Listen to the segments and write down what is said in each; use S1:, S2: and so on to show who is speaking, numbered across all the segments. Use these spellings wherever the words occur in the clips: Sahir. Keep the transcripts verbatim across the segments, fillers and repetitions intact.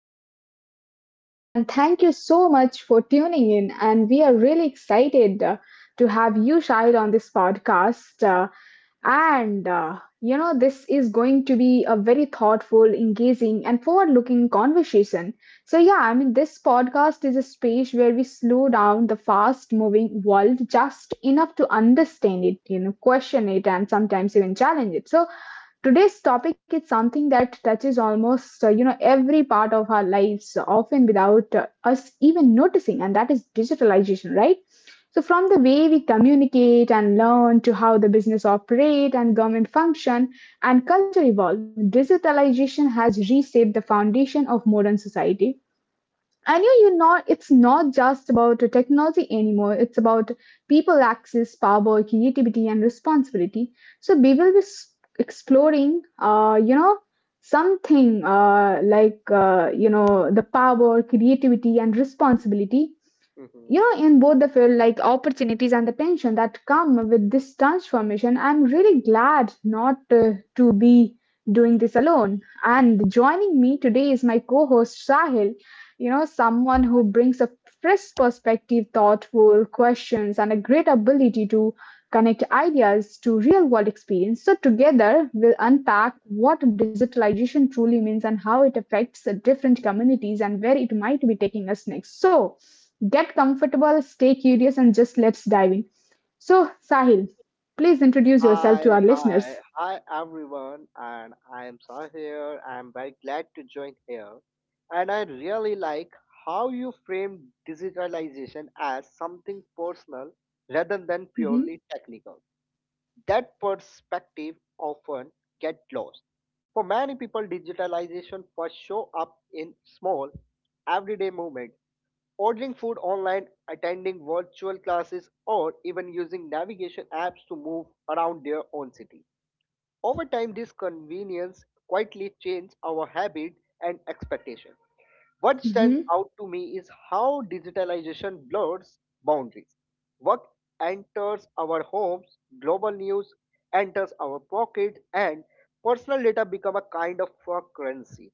S1: to today's episode. And thank you so much for tuning in. And we are really excited uh, to have you, Shahid, on this podcast. Uh, and uh, You know, this is going to be a very thoughtful, engaging, and forward looking conversation. So, yeah, I mean, this podcast is a space where we slow down the fast moving world just enough to understand it, you know, question it, and sometimes even challenge it. So, today's topic is something that touches almost uh, you know every part of our lives, often without uh, us even noticing, and that is digitalization, right? So from the way we communicate and learn to how the business operate and government function and culture evolve, digitalization has reshaped the foundation of modern society. I knew you know it's not just about the technology anymore. It's about people access, power, creativity, and responsibility. So we will be s- exploring, uh, you know, something uh, like uh, you know the power, creativity, and responsibility,
S2: hmm
S1: yeah, in both the field, like opportunities and the tension that come with this transformation. I'm really glad not uh, to be doing this alone. And joining me today is my co-host Sahil, you know, someone who brings a fresh perspective, thoughtful questions, and a great ability to connect ideas to real-world experience. So together, we'll unpack what digitalization truly means and how it affects uh, different communities and where it might be taking us next. So get comfortable, stay curious, and just let's dive in. So, Sahil, please introduce yourself
S2: Hi,
S1: to our
S2: hi,
S1: listeners.
S2: hi everyone, and I am Sahir. Here. I am very glad to join here. And I really like how you frame digitalization as something personal rather than
S1: Mm-hmm,
S2: purely technical. That perspective often get lost. For many people, digitalization first show up in small, everyday moments. Ordering food online, attending virtual classes, or even using navigation apps to move around their own city. Over time, this convenience quietly changed our habit and expectation. What stands
S1: mm-hmm,
S2: out to me is how digitalization blurs boundaries. Work enters our homes, global news enters our pockets, and personal data become a kind of a currency.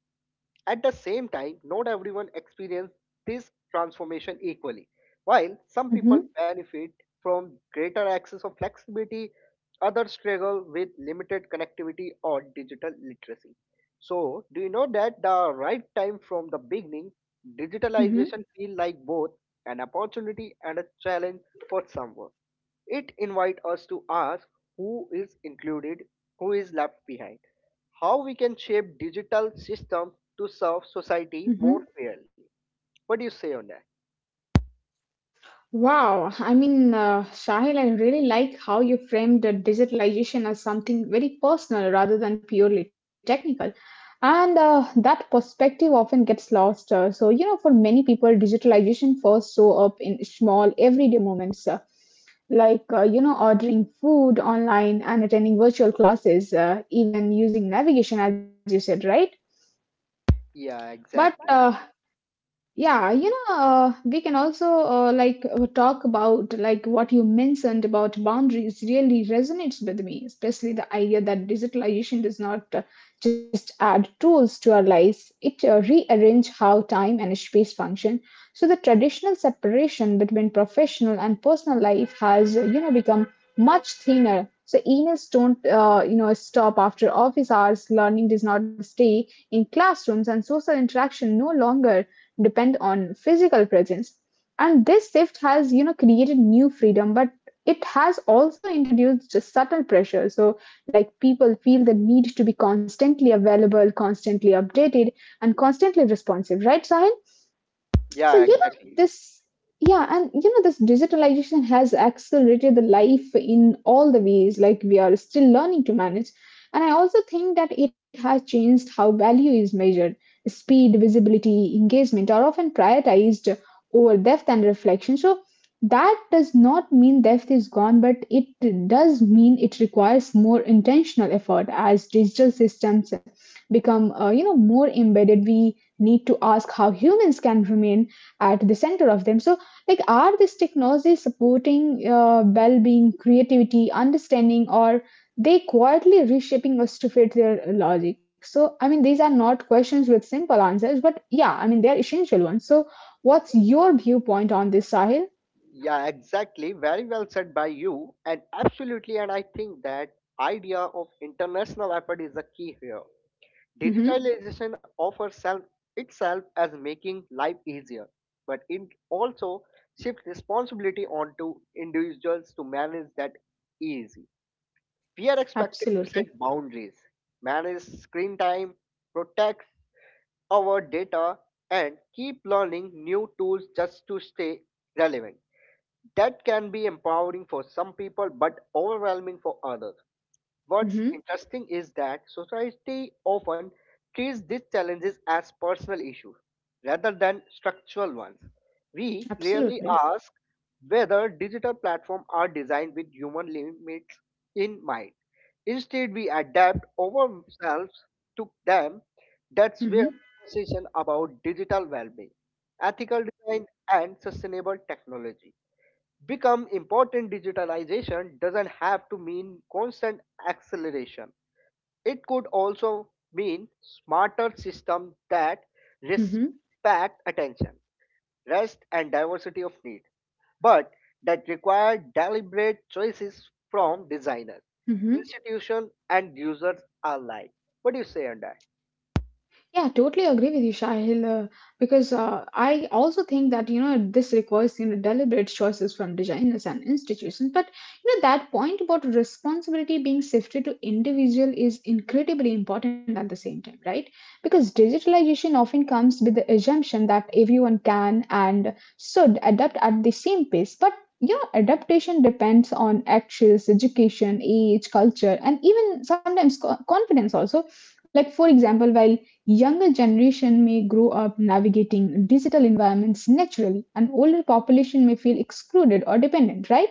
S2: At the same time, not everyone experiences this transformation equally. While some
S1: mm-hmm,
S2: people benefit from greater access or flexibility, others struggle with limited connectivity or digital literacy. So, do you know that the right time from the beginning,
S1: mm-hmm,
S2: digitalization feel like both an opportunity and a challenge for someone. It invite us to ask who is included, who is left behind, how we can shape digital systems to serve society
S1: mm-hmm.
S2: more fairly. What do you say on that?
S1: Wow, I mean, uh, Shahil, I really like how you framed the digitalization as something very personal rather than purely technical. And uh, that perspective often gets lost. Uh, so, you know, for many people, digitalization first show up in small everyday moments. Uh, like uh, you know ordering food online and attending virtual classes, uh, even using navigation as you said, right?
S2: Yeah,
S1: but uh,
S2: exactly.
S1: Yeah, you know, uh, we can also uh, like uh, talk about like what you mentioned about boundaries really resonates with me, especially the idea that digitalization does not uh, just add tools to our lives, it uh, rearrange how time and space function. So the traditional separation between professional and personal life has, uh, you know, become much thinner. So emails don't, uh, you know, stop after office hours. Learning does not stay in classrooms, and social interaction no longer depend on physical presence. And this shift has, you know, created new freedom, but it has also introduced just subtle pressure. So, like, people feel the need to be constantly available, constantly updated, and constantly responsive, right, Sahil? So
S2: Yeah,
S1: you know
S2: exactly.
S1: this Yeah, and you know this digitalization has accelerated the life in all the ways, like we are still learning to manage. And I also think that it has changed how value is measured. Speed, visibility, engagement are often prioritized over depth and reflection. So that does not mean depth is gone, but it does mean it requires more intentional effort. As digital systems become uh, you know more embedded, we need to ask how humans can remain at the center of them. So like, are these technologies supporting uh, well-being, creativity, understanding, or they quietly reshaping us to fit their logic? So I mean these are not questions with simple answers, but yeah, I mean they're essential ones. So what's your viewpoint on this, Sahil?
S2: Yeah, exactly. Very well said by you. And absolutely, and I think that idea of international effort is the key here.
S1: Mm-hmm.
S2: Digitalization offers self, itself as making life easier, but it also shifts responsibility onto individuals to manage that easy. We are expected to set
S1: Absolutely.
S2: boundaries, manage screen time, protect our data, and keep learning new tools just to stay relevant. That can be empowering for some people but overwhelming for others. What's
S1: Mm-hmm.
S2: interesting is that society often treats these challenges as personal issues rather than structural ones. We rarely
S1: Absolutely.
S2: ask whether digital platforms are designed with human limits in mind. Instead, we adapt ourselves to them. That's where
S1: Mm-hmm.
S2: conversation about digital well-being, ethical design, and sustainable technology become important. Digitalization doesn't have to mean constant acceleration. It could also mean smarter systems that
S1: Mm-hmm.
S2: respect attention, rest, and diversity of need, but that require deliberate choices from designers,
S1: Mm-hmm.
S2: institutions, and users alike. What do you say on that?
S1: Yeah, totally agree with you, Sahil. Uh, because uh, I also think that you know this requires you know deliberate choices from designers and institutions. But you know that point about responsibility being shifted to individual is incredibly important at the same time, right? Because digitalization often comes with the assumption that everyone can and should adapt at the same pace, but you know adaptation depends on actions, education, age, culture, and even sometimes co- confidence also. Like for example, while younger generation may grow up navigating digital environments naturally, and older population may feel excluded or dependent, right?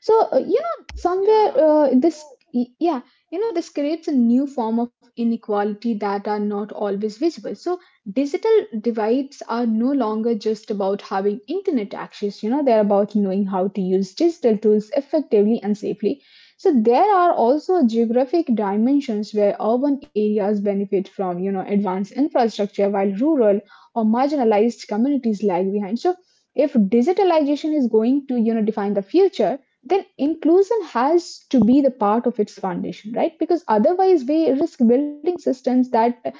S1: So, uh, you know, somewhere
S2: yeah
S1: uh, this, y- yeah, you know, this creates a new form of inequality that are not always visible. So, digital divides are no longer just about having internet access, you know, they're about knowing how to use digital tools effectively and safely. So, there are also geographic dimensions where urban areas benefit from, you know, advanced infrastructure while rural or marginalized communities lag behind. So, if digitalization is going to, you know, define the future, then inclusion has to be the part of its foundation, right? Because otherwise we risk building systems that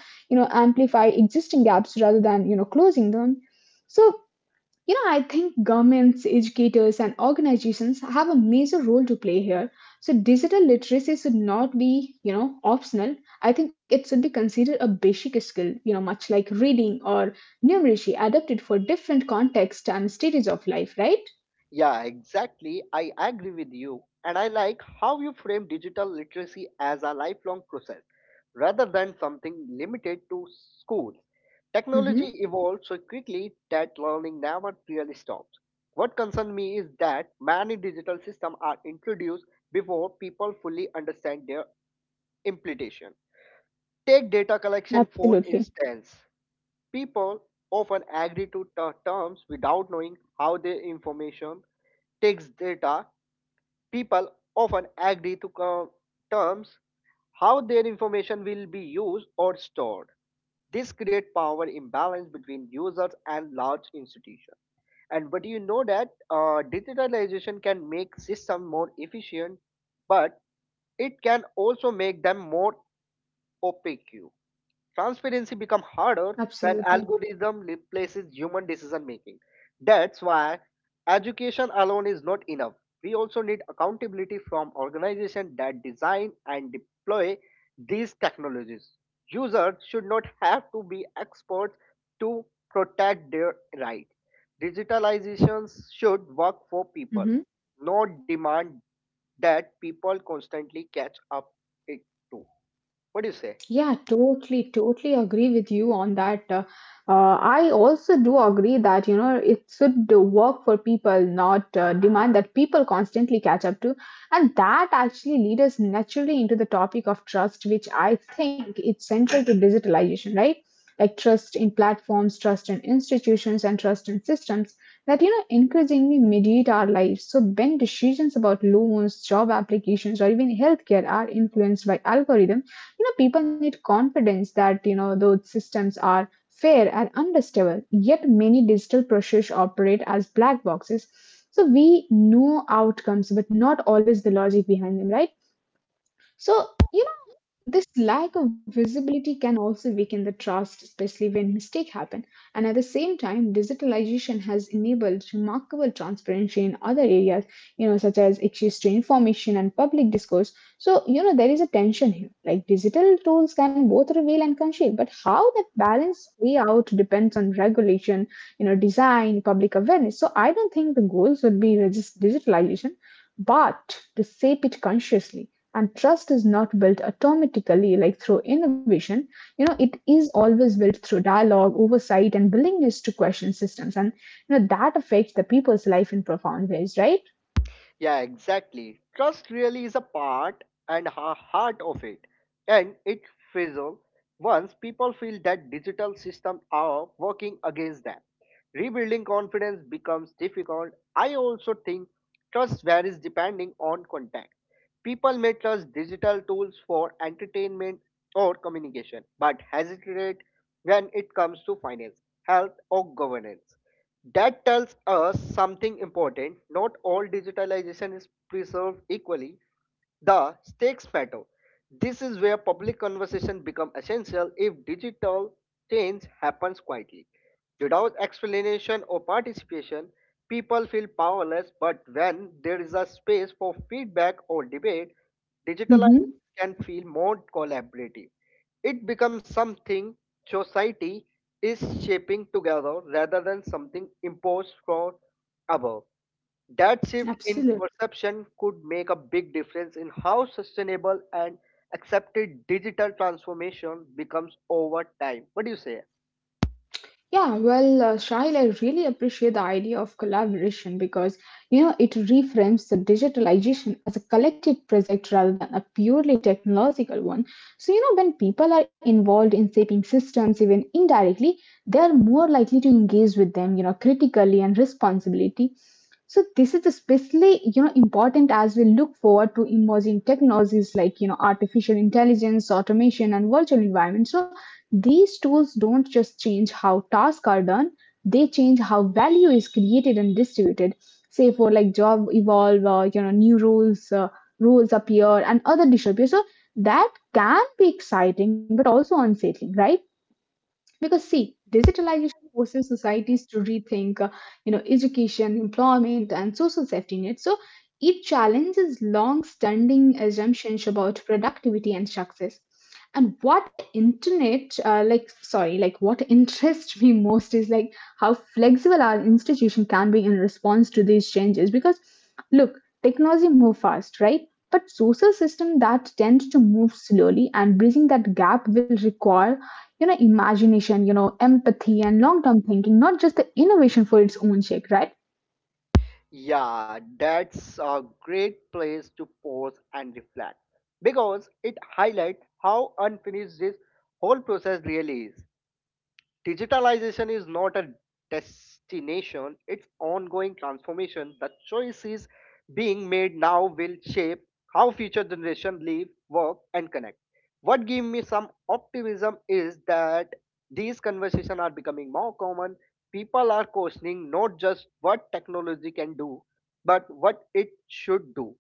S1: you know amplify existing gaps rather than you know closing them. So you know I think governments, educators, and organizations have a major role to play here. So digital literacy should not be you know optional. I think it should be considered a basic skill, you know, much like reading or numeracy, adapted for different contexts and stages of life, right?
S2: Yeah, exactly. I agree with you. And I like how you frame digital literacy as a lifelong process rather than something limited to schools. Technology
S1: Mhm.
S2: evolves so quickly that learning never really stops. What concerns me is that many digital systems are introduced before people fully understand their implementation. Take data collection, for
S1: Absolutely.
S2: instance. People often agree to ter- terms without knowing how their information takes data. People often agree to co- terms how their information will be used or stored.
S1: Mhm.
S2: This creates power imbalance between users and large institutions. And but you know that uh, digitalization can make system more efficient, but it can also make them more opaque. Transparency become harder when
S1: Absolutely.
S2: algorithm replaces human decision making. That's why education alone is not enough. We also need accountability from organizations that design and deploy these technologies. Users should not have to be experts to protect their rights. Digitalizations should work for people,
S1: Mhm.
S2: not demand that people constantly catch up it to. What do you say?
S1: Yeah, totally, totally agree with you on that. Uh, uh, I also do agree that, you know, it should work for people, not uh, demand that people constantly catch up to. And that actually leads us naturally into the topic of trust, which I think it's central to digitalization, right? Like trust in platforms, trust in institutions, and trust in systems that, you know, increasingly mediate our lives. So when decisions about loans, job applications, or even healthcare are influenced by algorithms, you know people need confidence that you know those systems are fair and understandable. Yet many digital processes operate as black boxes, so we know outcomes but not always the logic behind them, right? so you This lack of visibility can also weaken the trust, especially when mistakes happen. And at the same time, digitalization has enabled remarkable transparency in other areas, you know, such as access to information and public discourse. So, you know, there is a tension here. Like digital tools can both reveal and conceal, but how that balance play out depends on regulation, you know, design, public awareness. So I don't think the goals would be resist digitalization, but to shape it consciously. And trust is not built automatically like through innovation, you know it is always built through dialogue, oversight, and willingness to question systems. And you know that affects the people's life in profound ways, right?
S2: Yeah, exactly. Trust really is a part and a heart of it, and it fizzles once people feel that digital systems are working against them. Rebuilding confidence becomes difficult. I also think trust varies depending on context. People may trust digital tools for entertainment or communication, but hesitate when it comes to finance, health, or governance. That tells us something important. Not all digitalization is preserved equally. The stakes matter. This is where public conversation becomes essential if digital change happens quietly. Without explanation or participation, people feel powerless, but when there is a space for feedback or debate, digital
S1: Mm-hmm.
S2: can feel more collaborative. It becomes something society is shaping together rather than something imposed from above. That shift in
S1: Absolutely.
S2: perception could make a big difference in how sustainable and accepted digital transformation becomes over time. What do you say?
S1: Yeah, well, uh, Shail, I really appreciate the idea of collaboration because you know it reframes the digitalization as a collective project rather than a purely technological one. So you know when people are involved in shaping systems, even indirectly, they are more likely to engage with them, you know, critically and responsibility. So this is especially you know important as we look forward to emerging technologies like you know artificial intelligence, automation, and virtual environments. So, these tools don't just change how tasks are done, they change how value is created and distributed. Say for like job evolve, uh, you know, new rules, uh, rules appear and other disappear. So that can be exciting, but also unsettling, right? Because see digitalization forces societies to rethink uh, you know education, employment, and social safety nets. So it challenges long standing assumptions about productivity and success. And what internet uh, like sorry like what interests me most is like how flexible our institution can be in response to these changes. Because look, technology move fast, right? But social system that tend to move slowly, and bridging that gap will require you know imagination, you know empathy, and long term thinking, not just the innovation for its own sake, right?
S2: Yeah, that's a great place to pause and reflect because it highlights how unfinished this whole process really is. Digitalization is not a destination, it's ongoing transformation. The choices being made now will shape how future generations live, work, and connect. What gives me some optimism is that these conversations are becoming more common. People are questioning not just what technology can do, but what it should do.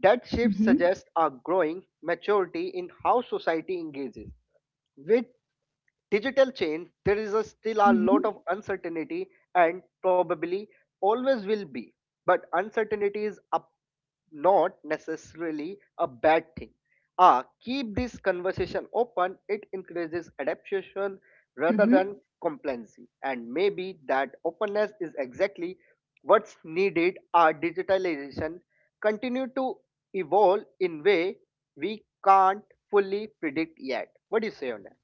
S2: That shift
S1: Mm-hmm.
S2: suggests a growing maturity in how society engages with digital chain. There is a still a lot of
S1: Mm-hmm.
S2: uncertainty and probably always will be. But uncertainty is a, not necessarily a bad thing. Ah, keep this conversation open. It encourages adaptation rather than complacency, and maybe that openness is exactly what's needed. Our digitalization continue to evolve in way we can't fully predict yet. What do you say on that?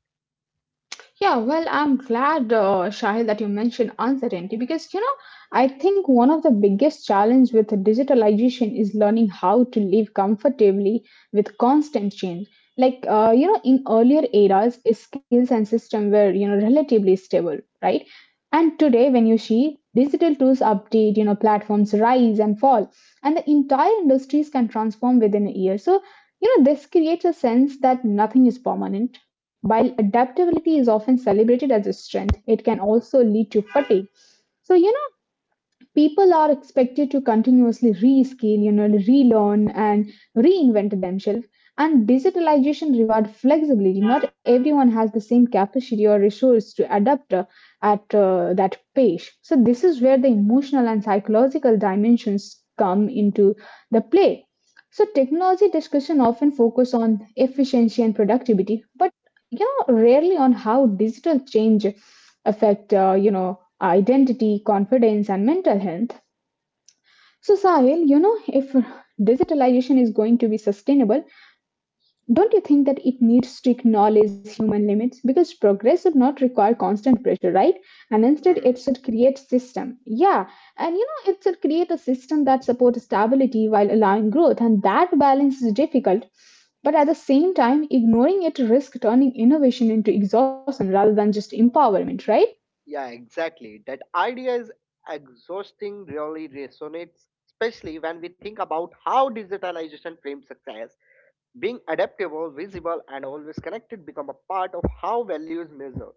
S1: Yeah, well, I'm glad, uh, Shahil, that you mentioned uncertainty because, you know, I think one of the biggest challenge with digitalization is learning how to live comfortably with constant change. Like, uh, you know, in earlier eras, skills and system were, you know, relatively stable, right? And today, when you see digital tools update, you know, platforms rise and fall, and the entire industries can transform within a year. So, you know, this creates a sense that nothing is permanent. While adaptability is often celebrated as a strength, it can also
S2: Mhm.
S1: lead to fatigue. So, you know, people are expected to continuously rescale, you know, relearn and reinvent themselves. And digitalization reward flexibility. Not everyone has the same capacity or resource to adapt uh, at uh, that pace. So this is where the emotional and psychological dimensions come into the play. So technology discussion often focus on efficiency and productivity, but you know rarely on how digital change affect uh, you know identity, confidence, and mental health. So, Sahil, you know, if digitalization is going to be sustainable, don't you think that it needs to acknowledge human limits? Because progress should not require constant pressure, right? And instead,
S2: Hmm.
S1: it should create system. Yeah, and you know, it should create a system that supports stability while allowing growth, and that balance is difficult. But at the same time, ignoring it risks turning innovation into exhaustion rather than just empowerment, right?
S2: Yeah, exactly. That idea is exhausting, really resonates, especially when we think about how digitalization frames success. Being adaptable, visible, and always connected become a part of how value is measured.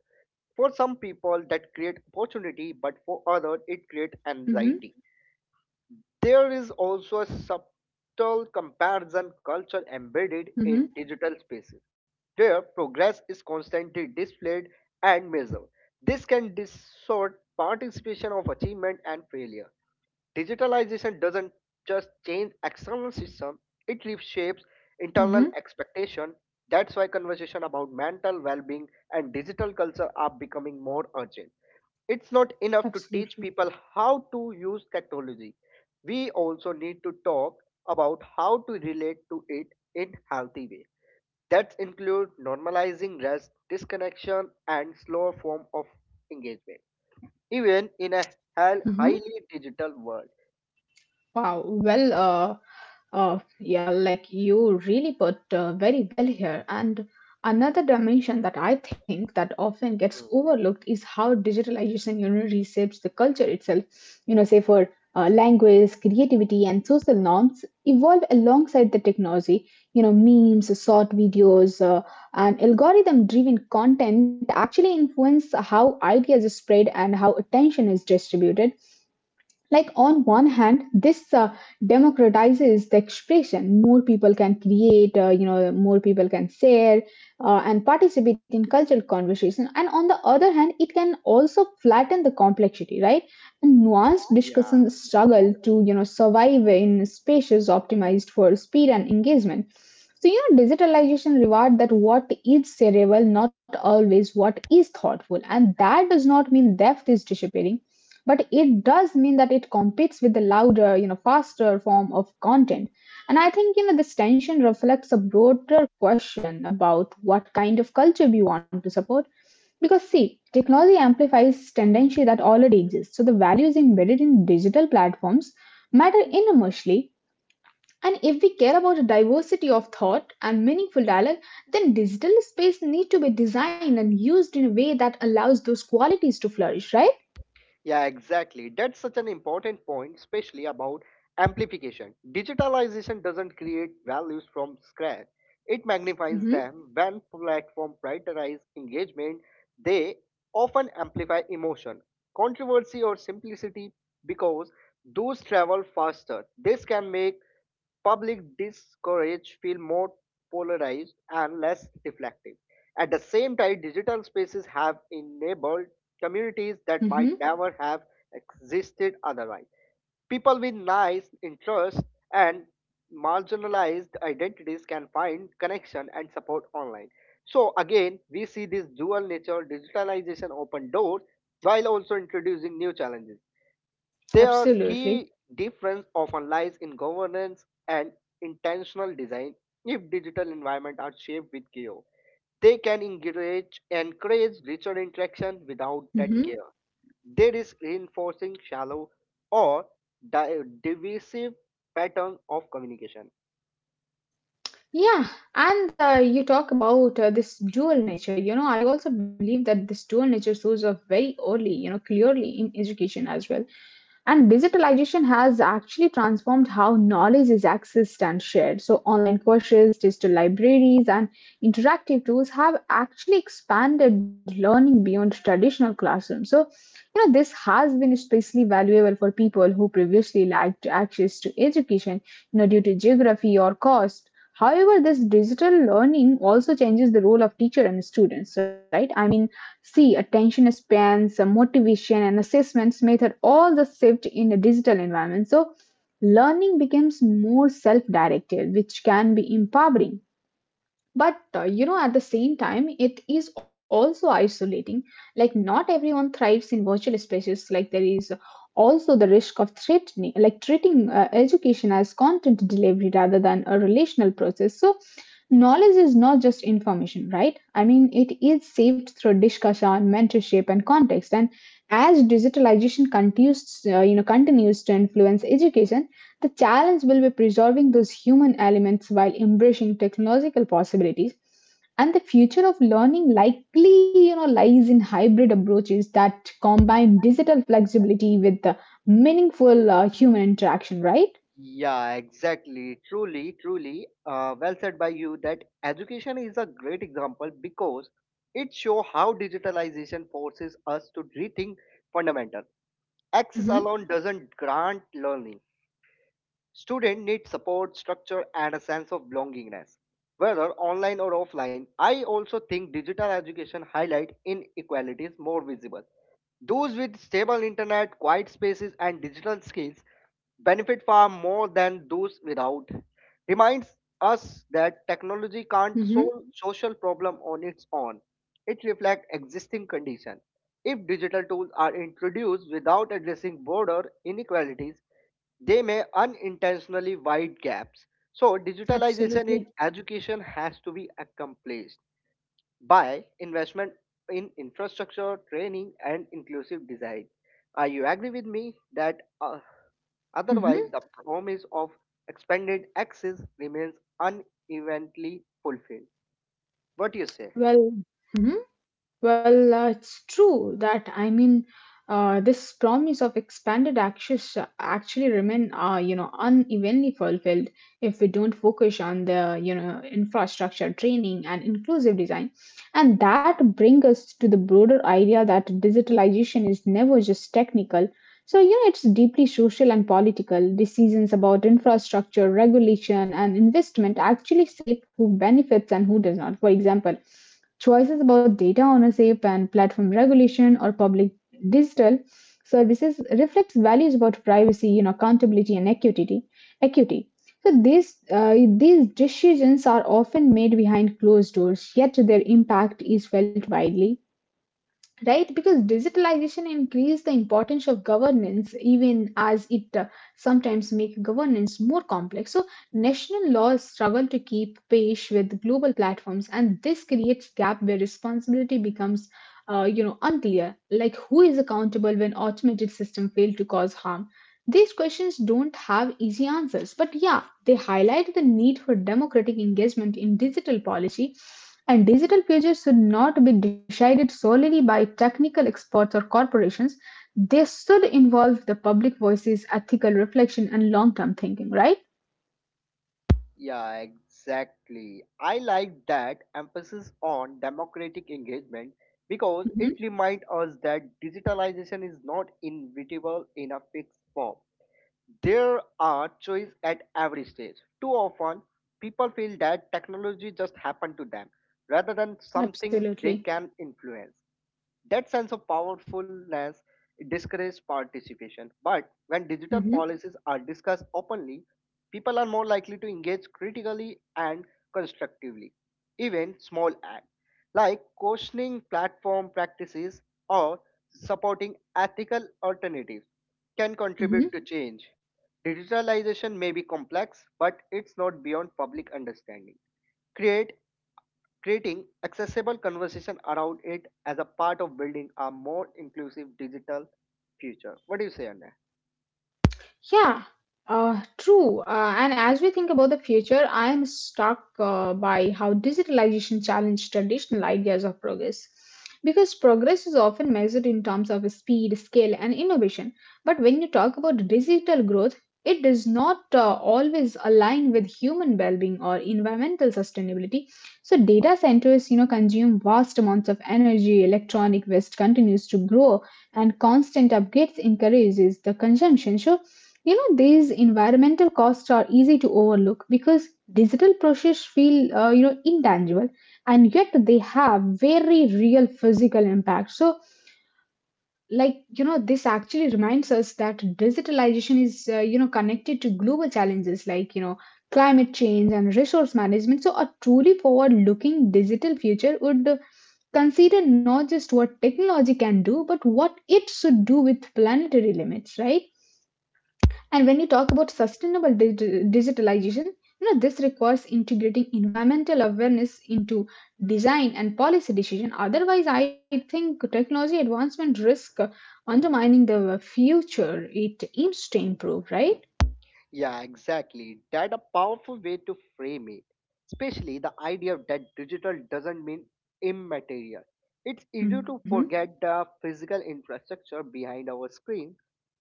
S2: For some people, that create opportunity, but for others, it creates
S1: Mhm,
S2: anxiety. There is also a subtle comparison culture embedded
S1: mhm,
S2: in digital spaces, where progress is constantly displayed and measured. This can distort participation of achievement and failure. Digitalization doesn't just change external system, it reshapes internal
S1: mhm,
S2: expectation. That's why conversation about mental well-being and digital culture are becoming more urgent. It's not enough to teach
S1: absolutely.
S2: people how to use technology. We also need to talk about how to relate to it in healthy way. That include normalizing rest, disconnection and slower form of engagement even in a hel-
S1: Mhm.
S2: highly digital world.
S1: Wow. Well, uh, uh, yeah, like you really put uh, very well here. And another dimension that I think that often gets
S2: Mhm.
S1: overlooked is how digitalization, you know, reshapes the culture itself. You know, say for uh, language, creativity, and social norms evolve alongside the technology. You know, memes, short videos, uh, and algorithm-driven content actually influence how ideas are spread and how attention is distributed, like on one hand this uh, democratizes the expression. More people can create, uh, you know more people can share, uh, and participate in cultural conversation, and on the other hand it can also flatten the complexity, right? And nuanced
S2: Yeah.
S1: discussion struggle to you know survive in spaces optimized for speed and engagement. So you know digitalization reward that what is cerebral, not always what is thoughtful, and that does not mean depth is disappearing, but it does mean that it competes with the louder, you know faster form of content. And I think you know this tension reflects a broader question about what kind of culture we want to support, because see technology amplifies tendency that already exists. So the values embedded in digital platforms matter enormously, and if we care about a diversity of thought and meaningful dialogue, then digital space need to be designed and used in a way that allows those qualities to flourish, right?
S2: Yeah, exactly. That's such an important point, especially about amplification. Digitalization doesn't create values from scratch, it magnifies
S1: Mm-hmm.
S2: them. When platforms prioritize engagement, they often amplify emotion, controversy, or simplicity because those travel faster. This can make public discourage feel more polarized and less reflective. At the same time, digital spaces have enabled communities that might never have existed otherwise. People with nice interests and marginalized identities can find connection and support online. So again, we see this dual nature digitalization open doors while also introducing new challenges. Their
S1: Absolutely.
S2: key difference often lies in governance and intentional design. If digital environments are shaped with care, they can encourage encourage richer interaction without that
S1: Hmm.
S2: care. They risk reinforcing shallow or di- divisive pattern of communication.
S1: Yeah, and uh, you talk about uh, this dual nature. You know, I also believe that this dual nature shows up very early, you know, clearly in education as well. And digitalization has actually transformed how knowledge is accessed and shared. So, online courses, digital libraries, and interactive tools have actually expanded learning beyond traditional classrooms. So, you know, this has been especially valuable for people who previously lacked access to education, you know, due to geography or cost. However, this digital learning also changes the role of teacher and students, right? I mean, See, attention spans, uh, motivation, and assessments method all the shift in a digital environment. So, learning becomes more self directed, which can be empowering, but uh, you know at the same time it is also isolating. Like not everyone thrives in virtual spaces. Like there is also the risk of threatening, like treating uh, education as content delivery rather than a relational process. So knowledge is not just information, right? I mean it is saved through discussion, mentorship and context. And as digitalization continues, uh, you know continues to influence education, the challenge will be preserving those human elements while embracing technological possibilities. And the future of learning likely, you know, lies in hybrid approaches that combine digital flexibility with the meaningful uh, human interaction, right?
S2: Yeah, exactly. Truly, truly, uh, well said by you that education is a great example because it shows how digitalization forces us to rethink fundamental. Access
S1: Mm-hmm.
S2: alone doesn't grant learning. Students need support, structure, and a sense of belongingness. Whether online or offline, I also think digital education highlight inequalities more visible. Those with stable internet, quiet spaces, and digital skills benefit far more than those without. Reminds us that technology can't
S1: Mm-hmm.
S2: solve social problem on its own. It reflects existing condition. If digital tools are introduced without addressing border inequalities, they may unintentionally wide gaps. So digitalization in
S1: Absolutely.
S2: education has to be accomplished by investment in infrastructure, training, and inclusive design. Uh, you agree with me that uh, otherwise
S1: Mm-hmm.
S2: the promise of expanded access remains unevenly fulfilled. What do you say?
S1: Well, mhm. Well, uh, it's true that I mean, uh, this promise of expanded access uh, actually remain, uh, you know, unevenly fulfilled if we don't focus on the, you know, infrastructure, training, and inclusive design. And that brings us to the broader idea that digitalization is never just technical. So, you know, it's deeply social and political. Decisions about infrastructure, regulation, and investment actually shape who benefits and who does not. For example, choices about data ownership and platform regulation or public digital services reflects values about privacy, you know, accountability and equity. Equity. So these uh, these decisions are often made behind closed doors, yet their impact is felt widely, right? Because digitalization increased the importance of governance even as it uh, sometimes make governance more complex. So national laws struggle to keep pace with global platforms and this creates gap where responsibility becomes uh, you know unclear, like who is accountable when automated system fail to cause harm. These questions don't have easy answers, but yeah, they highlight the need for democratic engagement in digital policy, and digital pages should not be decided solely by technical experts or corporations. They should involve the public voices, ethical reflection, and long term thinking, right?
S2: Yeah, exactly. I like that emphasis on democratic engagement because it
S1: Mhm.
S2: reminds us that digitalization is not inevitable in a fixed form. There are choice at every stage. Too often, people feel that technology just happened to them rather than something they
S1: Absolutely.
S2: can influence. That sense of powerfulness discourages participation. But when digital
S1: Hmm.
S2: policies are discussed openly, people are more likely to engage critically and constructively. Even small acts like questioning platform practices or supporting ethical alternatives can contribute
S1: Hmm.
S2: to change. Digitalization may be complex, but it's not beyond public understanding. Create Creating accessible conversation around it as a part of building a more inclusive digital future. What do you say, Anna?
S1: Yeah, uh, true. Uh, and as we think about the future, I am struck uh, by how digitalization challenged traditional ideas of progress. Because progress is often measured in terms of speed, scale, and innovation. But when you talk about digital growth, it does not uh, always align with human well-being or environmental sustainability. So data centers, you know, consume vast amounts of energy. Electronic waste continues to grow, and constant upgrades encourages the consumption. So you know, these environmental costs are easy to overlook because digital processes feel, uh, you know, intangible, and yet they have very real physical impact. So, like, you know, this actually reminds us that digitalization is, uh, you know, connected to global challenges like, you know, climate change and resource management. So, a truly forward looking digital future would uh, consider not just what technology can do, but what it should do with planetary limits, right? And when you talk about sustainable digi- digitalization, you know this requires integrating environmental awareness into design and policy decision. Otherwise, I think technology advancement risk undermining the future it aims to improve, right?
S2: Yeah, exactly. That a powerful way to frame it. Especially the idea that digital doesn't mean immaterial. It's easy to
S1: Hmm.
S2: forget the physical infrastructure behind our screen.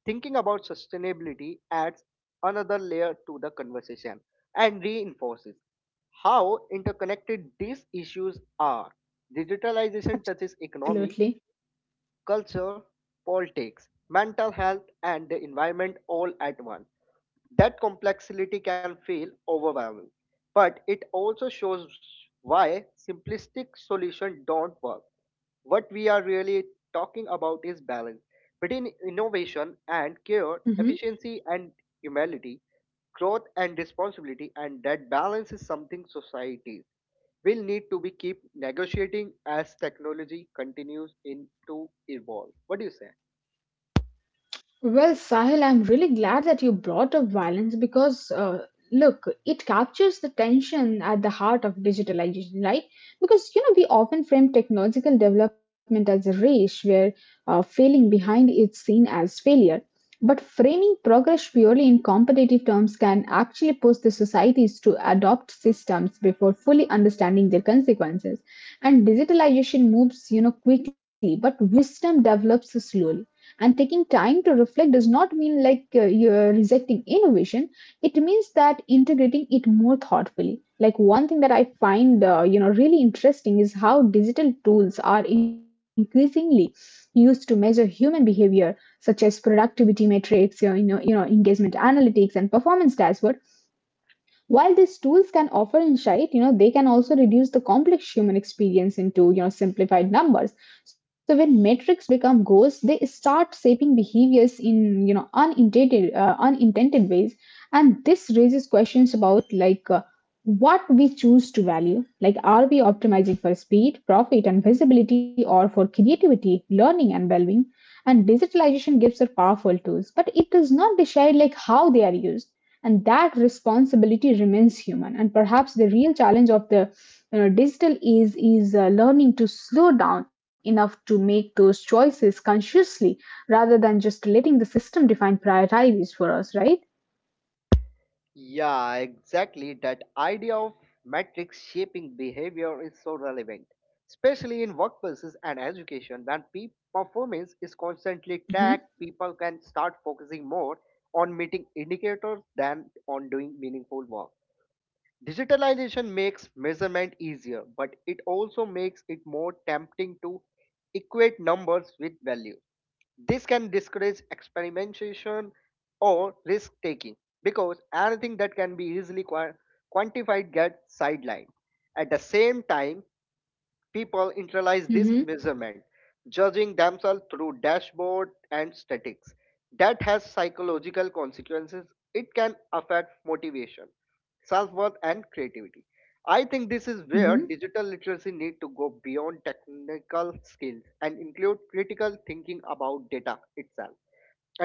S2: Thinking about sustainability adds another layer to the conversation and reinforces how interconnected these issues are. Digitalization touches
S1: Absolutely.
S2: economy, culture, politics, mental health, and the environment all at once. That complexity can feel overwhelming, but it also shows why simplistic solutions don't work. What we are really talking about is balance between innovation and care,
S1: Mhm.
S2: efficiency and humility, growth and responsibility, and that balance is something societies will need to be keep negotiating as technology continues in to evolve. What do you say?
S1: Well, Sahil, I'm really glad that you brought up violence, because, uh, look, it captures the tension at the heart of digitalization, right? Because, you know, we often frame technological development as a race where uh, failing behind is seen as failure. But framing progress purely in competitive terms can actually push the societies to adopt systems before fully understanding their consequences. And digitalization moves, you know, quickly, but wisdom develops slowly. And taking time to reflect does not mean like uh, you're rejecting innovation. It means that integrating it more thoughtfully. Like one thing that I find, uh, you know, really interesting is how digital tools are increasingly used to measure human behavior, such as productivity metrics, you know, you know, engagement analytics, and performance dashboards. While these tools can offer insight, you know, they can also reduce the complex human experience into, you know, simplified numbers. So when metrics become goals, they start shaping behaviors in, you know, unintended, uh, unintended ways. And this raises questions about like uh, what we choose to value. Like, are we optimizing for speed, profit, and visibility, or for creativity, learning, and well-being? And digitalization gives us powerful tools, but it does not decide like how they are used, and that responsibility remains human. And perhaps the real challenge of the, you know, digital age is uh, learning to slow down enough to make those choices consciously rather than just letting the system define priorities for us, right?
S2: Yeah, exactly. That idea of metrics shaping behavior is so relevant, especially in workplaces and education. When pe- performance is constantly
S1: Mm-hmm.
S2: tracked, people can start focusing more on meeting indicators than on doing meaningful work. Digitalization makes measurement easier, but it also makes it more tempting to equate numbers with value. This can discourage experimentation or risk taking because anything that can be easily quantified gets sidelined. At the same time, people internalize this
S1: Mm-hmm.
S2: measurement, judging themselves through dashboard and statics. That has psychological consequences. It can affect motivation, self-worth, and creativity. I think this is where
S1: Mm-hmm.
S2: digital literacy need to go beyond technical skills and include critical thinking about data itself.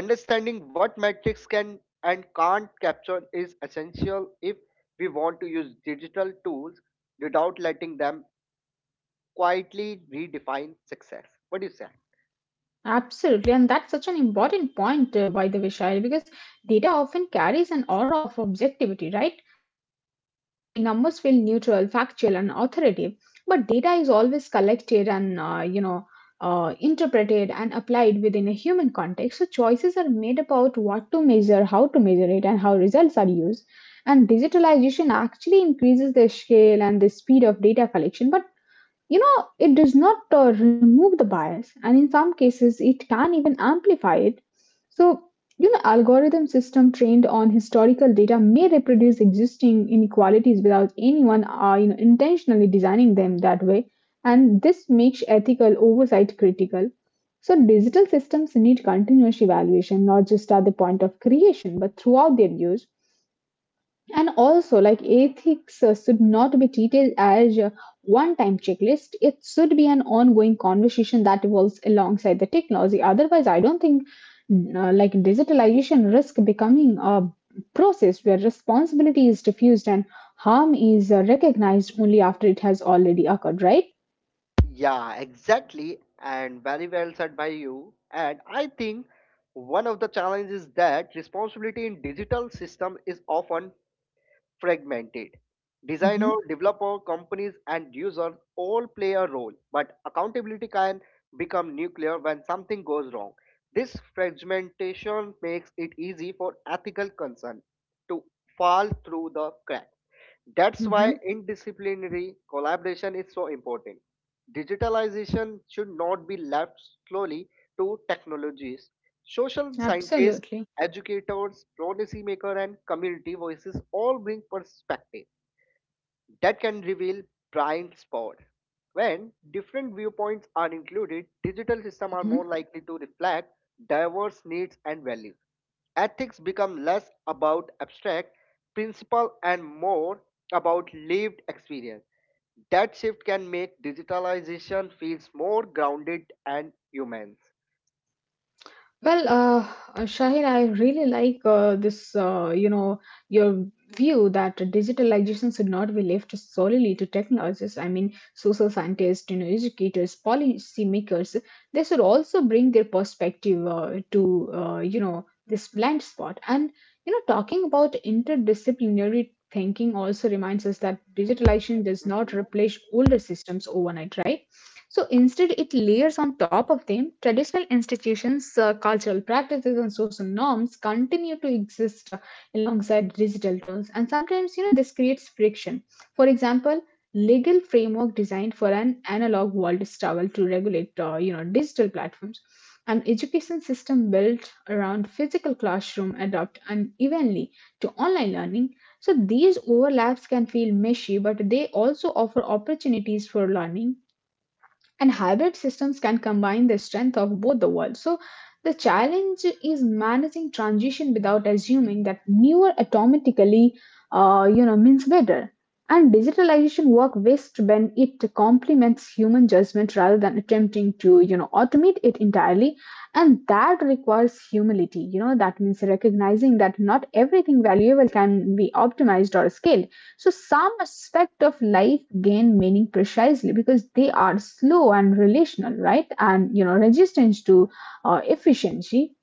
S2: Understanding what metrics can and can't capture is essential if we want to use digital tools without letting them quietly redefine success. What do you say?
S1: Absolutely, and that's such an important point, uh, by the way, Shairi, because data often carries an aura of objectivity, right? No, see, numbers feel neutral, factual, and authoritative, but data is always collected and uh, you know uh, interpreted and applied within a human context. So choices are made about what to measure, how to measure it, and how results are used. And digitalization actually increases the scale and the speed of data collection, but you know it does not uh, remove the bias, and in some cases it can even amplify it. So you know algorithm system trained on historical data may reproduce existing inequalities without anyone uh, you know intentionally designing them that way, and this makes ethical oversight critical. So digital systems need continuous evaluation, not just at the point of creation but throughout their use. And also, like ethics uh, should not be treated as a one time checklist. It should be an ongoing conversation that evolves alongside the technology. Otherwise, I don't think uh, like digitalization risk becoming a process where responsibility is diffused and harm is uh, recognized only after it has already occurred, right?
S2: Yeah, exactly, and very well said by you. And I think one of the challenges is that responsibility in digital system is often fragmented.
S1: Hmm.
S2: Designer, developer, companies, and users all play a role, but accountability can become nuclear when something goes wrong. This fragmentation makes it easy for ethical concern to fall through the cracks. That's why
S1: Hmm.
S2: interdisciplinary collaboration is so important. Digitalization should not be left slowly to technologies. Social scientists,
S1: Absolutely.
S2: educators, policymakers, and community voices all bring perspective that can reveal blind spot. When different viewpoints are included, digital systems are more
S1: Mhm.
S2: likely to reflect diverse needs and values. Ethics become less about abstract principle and more about lived experience. That shift can make digitalization feels more grounded and humans.
S1: Well, uh, uh, Shaheen, I really like uh, this, uh, you know, your view that digitalization should not be left solely to technologists. I mean, social scientists, you know, educators, policymakers, they should also bring their perspective uh, to, uh, you know, this blind spot. And, you know, talking about interdisciplinary thinking also reminds us that digitalization does not
S2: Mhm.
S1: replace older systems overnight, right? So instead, it layers on top of them. Traditional institutions, uh, cultural practices, and social norms continue to exist uh, alongside digital tools. And sometimes, you know, this creates friction. For example, legal framework designed for an analog world struggle to regulate, uh, you know, digital platforms. An education system built around physical classroom adopt unevenly to online learning. So these overlaps can feel meshy, but they also offer opportunities for learning, and hybrid systems can combine the strength of both the worlds. So the challenge is managing transition without assuming that newer automatically, uh, you know, means better. And digitalization work best when it complements human judgment rather than attempting to, you know, automate it entirely. And that requires humility. You know, that means recognizing that not everything valuable can be optimized or scaled, so some aspect of life gain meaning precisely because they are slow and relational, right? And you know, resistance to uh, efficiency.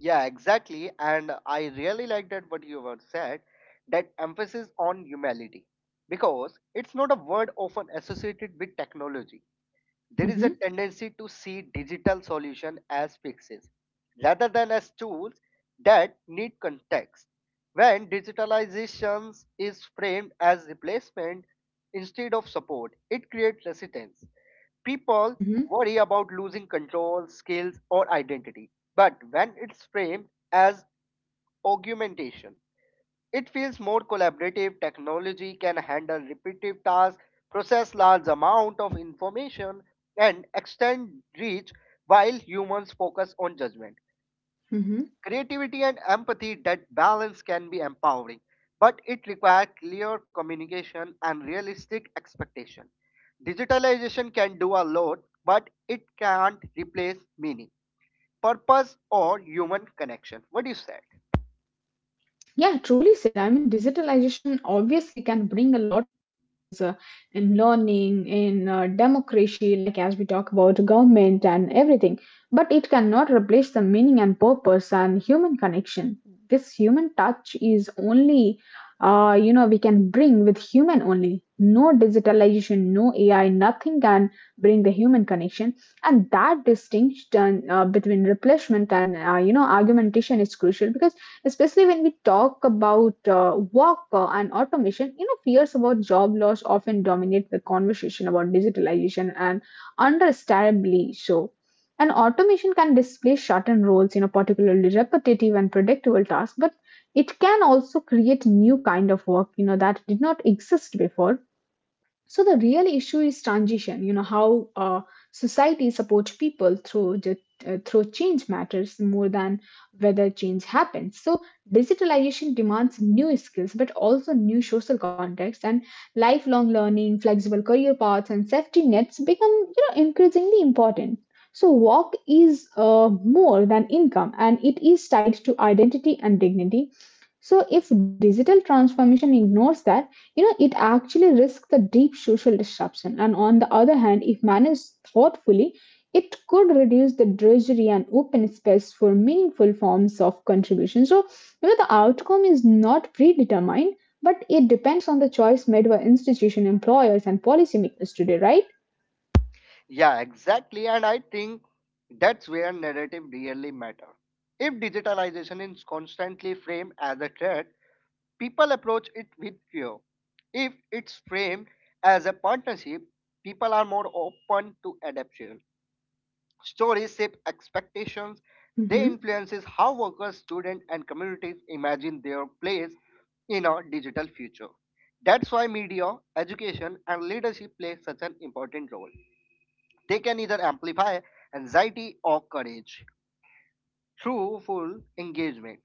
S2: Yeah, exactly. And I really like that what you have said, that emphasis on humility, because it's not a word often associated with technology, there is a
S1: Mm-hmm.
S2: tendency to see digital solution as fixes rather than as tools that need context. When digitalization is framed as replacement instead of support, it creates resistance. People
S1: Mm-hmm.
S2: worry about losing control, skills, or identity. But when it's framed as augmentation, it feels more collaborative. Technology can handle repetitive tasks, process large amount of information, and extend reach while humans focus on judgment.
S1: Mm-hmm.
S2: Creativity and empathy that balance can be empowering, but it requires clear communication and realistic expectation. Digitalization can do a lot, but it can't replace meaning, purpose, or human connection. What do you say?
S1: Yeah, truly said. I mean, digitalization obviously can bring a lot of changes uh, in learning, in uh, democracy, like as we talk about government and everything, but it cannot replace the meaning and purpose and human connection. This human touch is only, uh, you know, we can bring with human only. No digitalization, no A I, nothing can bring the human connection. And that distinction uh, between replacement and, uh, you know, argumentation is crucial, because especially when we talk about uh, work uh, and automation, you know fears about job loss often dominate the conversation about digitalization, and understandably so, and automation can displace certain roles, you know particularly repetitive and predictable tasks, but it can also create new kind of work, you know that did not exist before. So the real issue is transition. You know how uh, society supports people through the, uh, through change matters more than whether change happens. So digitalization demands new skills, but also new social contexts and lifelong learning, flexible career paths, and safety nets become you know increasingly important. So work is uh, more than income, and it is tied to identity and dignity. So if digital transformation ignores that, you know, it actually risks the deep social disruption. And on the other hand, if managed thoughtfully, it could reduce the drudgery and open space for meaningful forms of contribution. So, you know, the outcome is not predetermined, but it depends on the choice made by institution, employers, and policymakers today, right?
S2: Yeah, exactly. And I think that's where narrative really matter. If digitalization is constantly framed as a threat, people approach it with fear. If it's framed as a partnership, people are more open to adaptation. Stories shape expectations. They
S1: Mm-hmm.
S2: influences how workers, students, and communities imagine their place in a digital future. That's why media, education, and leadership play such an important role. They can either amplify anxiety or courage through full engagement,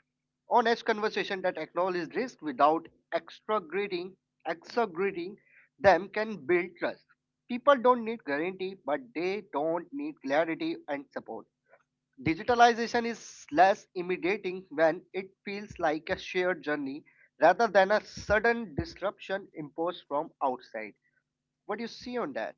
S2: honest conversation that acknowledges risk without exaggerating, exaggerating them can build trust. People don't need guarantee, but they don't need clarity and support. Digitalization is less intimidating when it feels like a shared journey rather than a sudden disruption imposed from outside. What do you see on that?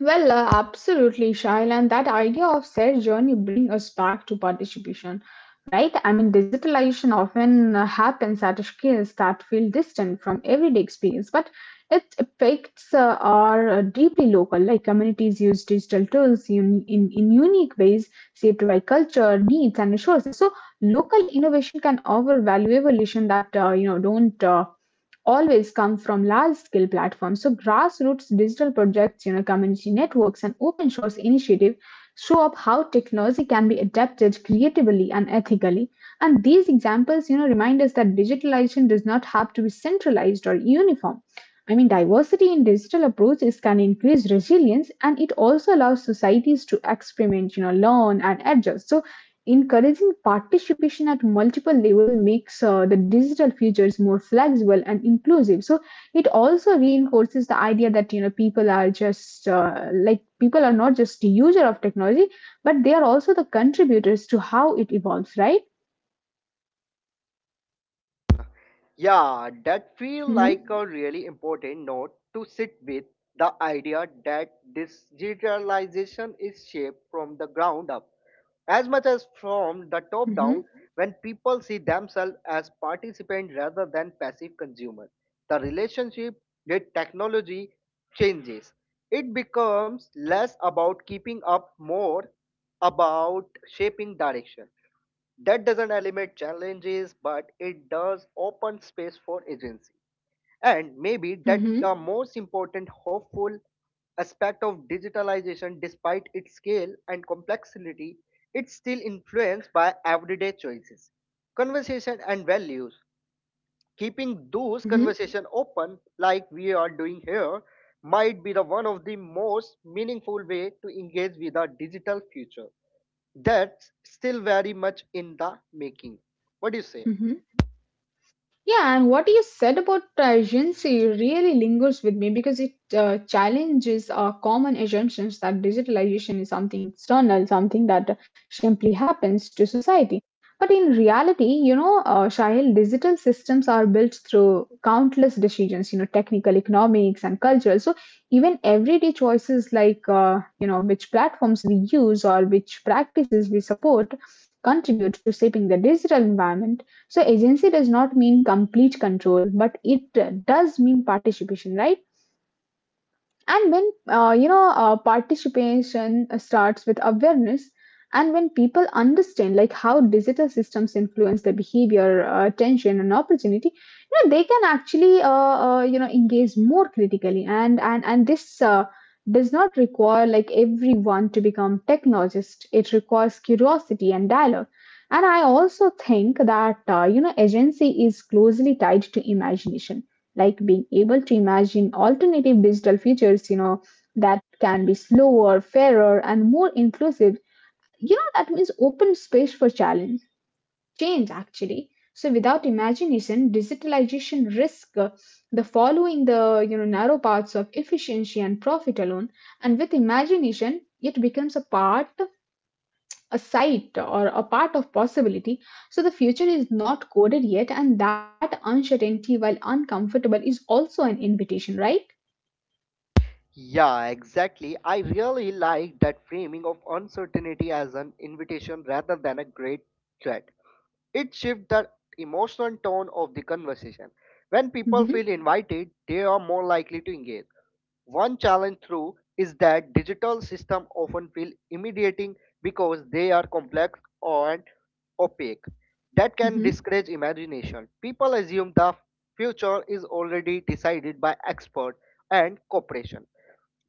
S1: Well, uh, absolutely, Shail, and that idea of shared journey bring us back to participation, right? I mean, digitalization often uh, happens at scales that feel distant from everyday experience, but its effects uh, are uh, deeply local. Like communities use digital tools in, in, in unique ways, shaped by culture, needs, and resources. So, local innovation can offer valuable solutions that uh, you know don't Uh, always come from large scale platforms. So grassroots digital projects, you know, community networks and open source initiatives show up how technology can be adapted creatively and ethically. And these examples, you know, remind us that digitalization does not have to be centralized or uniform. I mean, diversity in digital approaches can increase resilience, and it also allows societies to experiment, you know, learn and adjust. So encouraging participation at multiple level makes uh, the digital futures more flexible and inclusive. So it also reinforces the idea that you know people are just uh, like people are not just user of technology, but they are also the contributors to how it evolves, right?
S2: Yeah, that feel
S1: Mm-hmm.
S2: like a really important note to sit with the idea that this digitalization is shaped from the ground up as much as from the top
S1: Mm-hmm.
S2: down when people see themselves as participants rather than passive consumers. The relationship with technology changes. It becomes less about keeping up, more about shaping direction. That doesn't eliminate challenges, but it does open space for agency. And maybe that
S1: Mm-hmm.
S2: the most important hopeful aspect of digitalization, despite its scale and complexity, it's still influenced by everyday choices, conversation, and values. Keeping those conversations open, like we are doing here, might be the one of the most meaningful way to engage with our digital future. That's still very much in the making. What do you say?
S1: Mm-hmm. Yeah, and what you said about urgency really lingers with me because it uh, challenges our common assumptions that digitalization is something external, something that simply happens to society. But in reality, you know, uh, Shahil, digital systems are built through countless decisions, you know, technical, economics, and cultural. So even everyday choices like, uh, you know, which platforms we use or which practices we support contribute to shaping the digital environment. So agency does not mean complete control, but it does mean participation, right? And when uh, you know uh, participation uh, starts with awareness, and when people understand like how digital systems influence their behavior, uh, attention, and opportunity, you know they can actually uh, uh, you know engage more critically. And and and this uh, does not require like everyone to become technologist. It requires curiosity and dialogue. And I also think that uh, you know agency is closely tied to imagination, like being able to imagine alternative digital futures, you know, that can be slower, fairer, and more inclusive. You know, that means open space for challenge, change actually. So without imagination, digitalization risk uh, the following the you know narrow paths of efficiency and profit alone. And with imagination, it becomes a part, a site, or a part of possibility. So the future is not coded yet, and that uncertainty, while uncomfortable, is also an invitation, right?
S2: Yeah, exactly. I really like that framing of uncertainty as an invitation rather than a great threat. It shifts the emotional tone of the conversation. When people feel
S1: Mhm,
S2: invited, they are more likely to engage. One challenge through is that digital systems often feel intimidating because they are complex and opaque. That can
S1: mhm,
S2: discourage imagination. People assume the future is already decided by experts and corporations.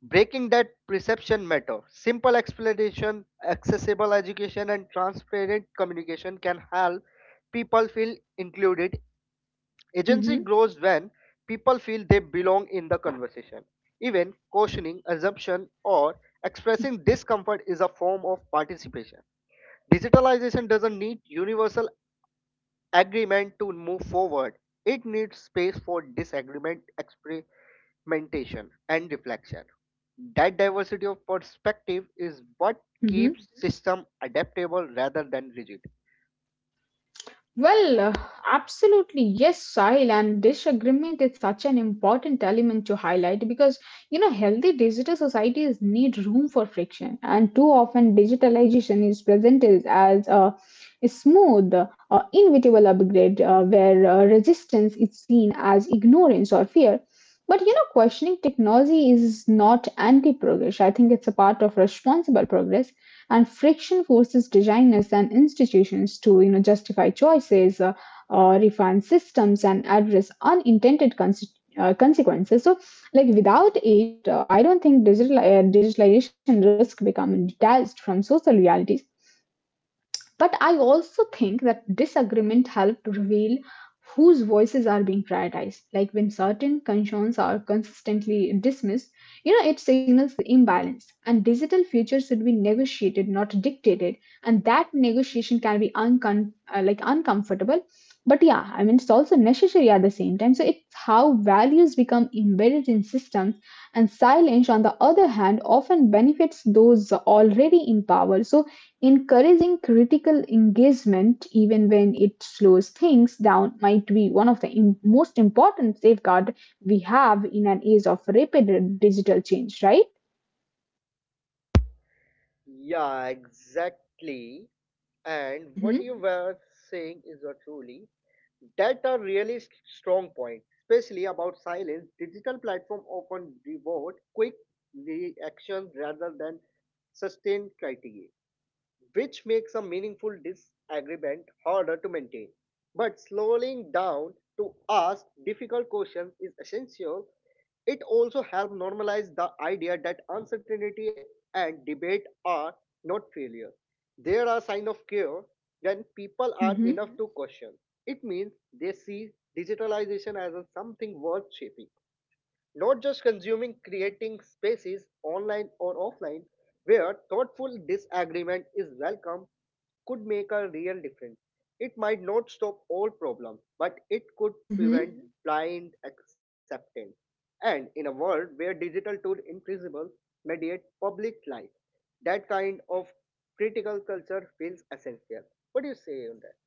S2: Breaking that perception matter. Simple explanation, accessible education, and transparent communication can help people feel included. Agency
S1: mhm,
S2: grows when people feel they belong in the conversation. Even questioning, assumption, or expressing discomfort is a form of participation. Digitalization doesn't need universal agreement to move forward, it needs space for disagreement, experimentation, and reflection. That diversity of perspective is what
S1: mhm.
S2: keeps system adaptable rather than rigid.
S1: Well, uh, absolutely, yes, Sahil, and disagreement is such an important element to highlight, because you know healthy digital societies need room for friction, and too often digitalization is presented as a smooth, uh, inevitable upgrade uh, where uh, resistance is seen as ignorance or fear. But you know, questioning technology is not anti progress. I think it's a part of responsible progress, and friction forces designers and institutions to you know justify choices, uh, uh, refine systems, and address unintended conse- uh, consequences, so like without it uh, i don't think digital uh, digitalization risk become detached from social realities, but I also think that disagreement help reveal whose voices are being prioritized. Like when certain concerns are consistently dismissed, you know, it signals the imbalance. And digital futures should be negotiated, not dictated. And that negotiation can be uncom- uh, like uncomfortable. But yeah, I mean, it's also necessary at the same time. So it's how values become embedded in systems, and silence, on the other hand, often benefits those already in power. So encouraging critical engagement, even when it slows things down, might be one of the im- most important safeguard we have in an age of rapid digital change, right?
S2: Yeah, exactly. And what
S1: Mm-hmm,
S2: you were saying is uh, truly that are really s- strong point, especially about silence. Digital platform often reward quick reactions rather than sustained criteria which makes a meaningful disagreement harder to maintain. But slowing down to ask difficult questions is essential. It also helps normalize the idea that uncertainty and debate are not failure. There are signs of care when people are
S1: mm-hmm.
S2: enough to question. It means they see digitalization as a something worth shaping, not just consuming, creating spaces online or offline where thoughtful disagreement is welcome could make a real difference. It might not stop all problems, but it could prevent blind acceptance. And in a world where digital tools invisible mediate public life, that kind of critical culture feels essential. What do you say on that?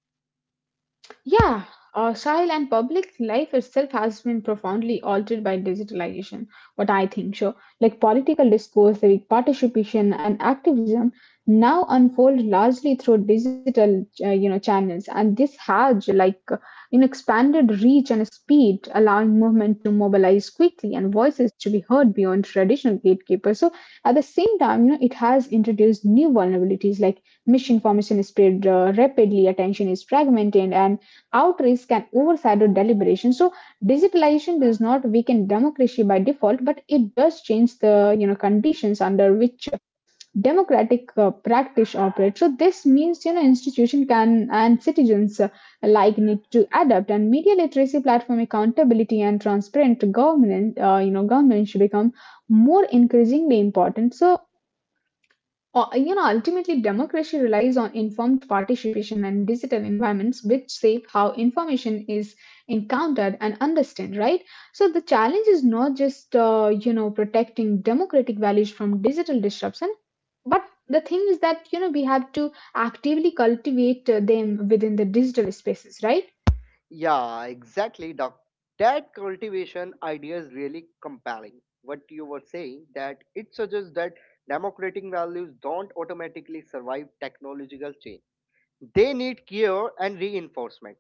S1: Yeah, our style and public life itself has been profoundly altered by digitalization. What I think, sure, like political discourse, civic participation, and activism now unfold largely through digital, uh, you know, channels, and this has like uh, you know expanded reach and speed, allowing movement to mobilize quickly and voices to be heard beyond traditional gatekeepers. So at the same time, you know, it has introduced new vulnerabilities like misinformation is spread uh, rapidly, attention is fragmented, and outreach can overshadow deliberation. So digitalization does not weaken democracy by default, but it does change the you know conditions under which democratic uh, practice operates. So this means you know institution can and citizens uh, alike need to adapt, and media literacy, platform accountability, and transparent governance uh, you know government should become more increasingly important. So uh, you know, ultimately, democracy relies on informed participation and digital environments which shape how information is encountered and understood, right? So the challenge is not just, uh, you know, protecting democratic values from digital disruption, but the thing is that, you know, we have to actively cultivate uh, them within the digital spaces, right?
S2: Yeah, exactly. Doc. That cultivation idea is really compelling. What you were saying that it suggests that democratic values don't automatically survive technological change. They need care and reinforcement.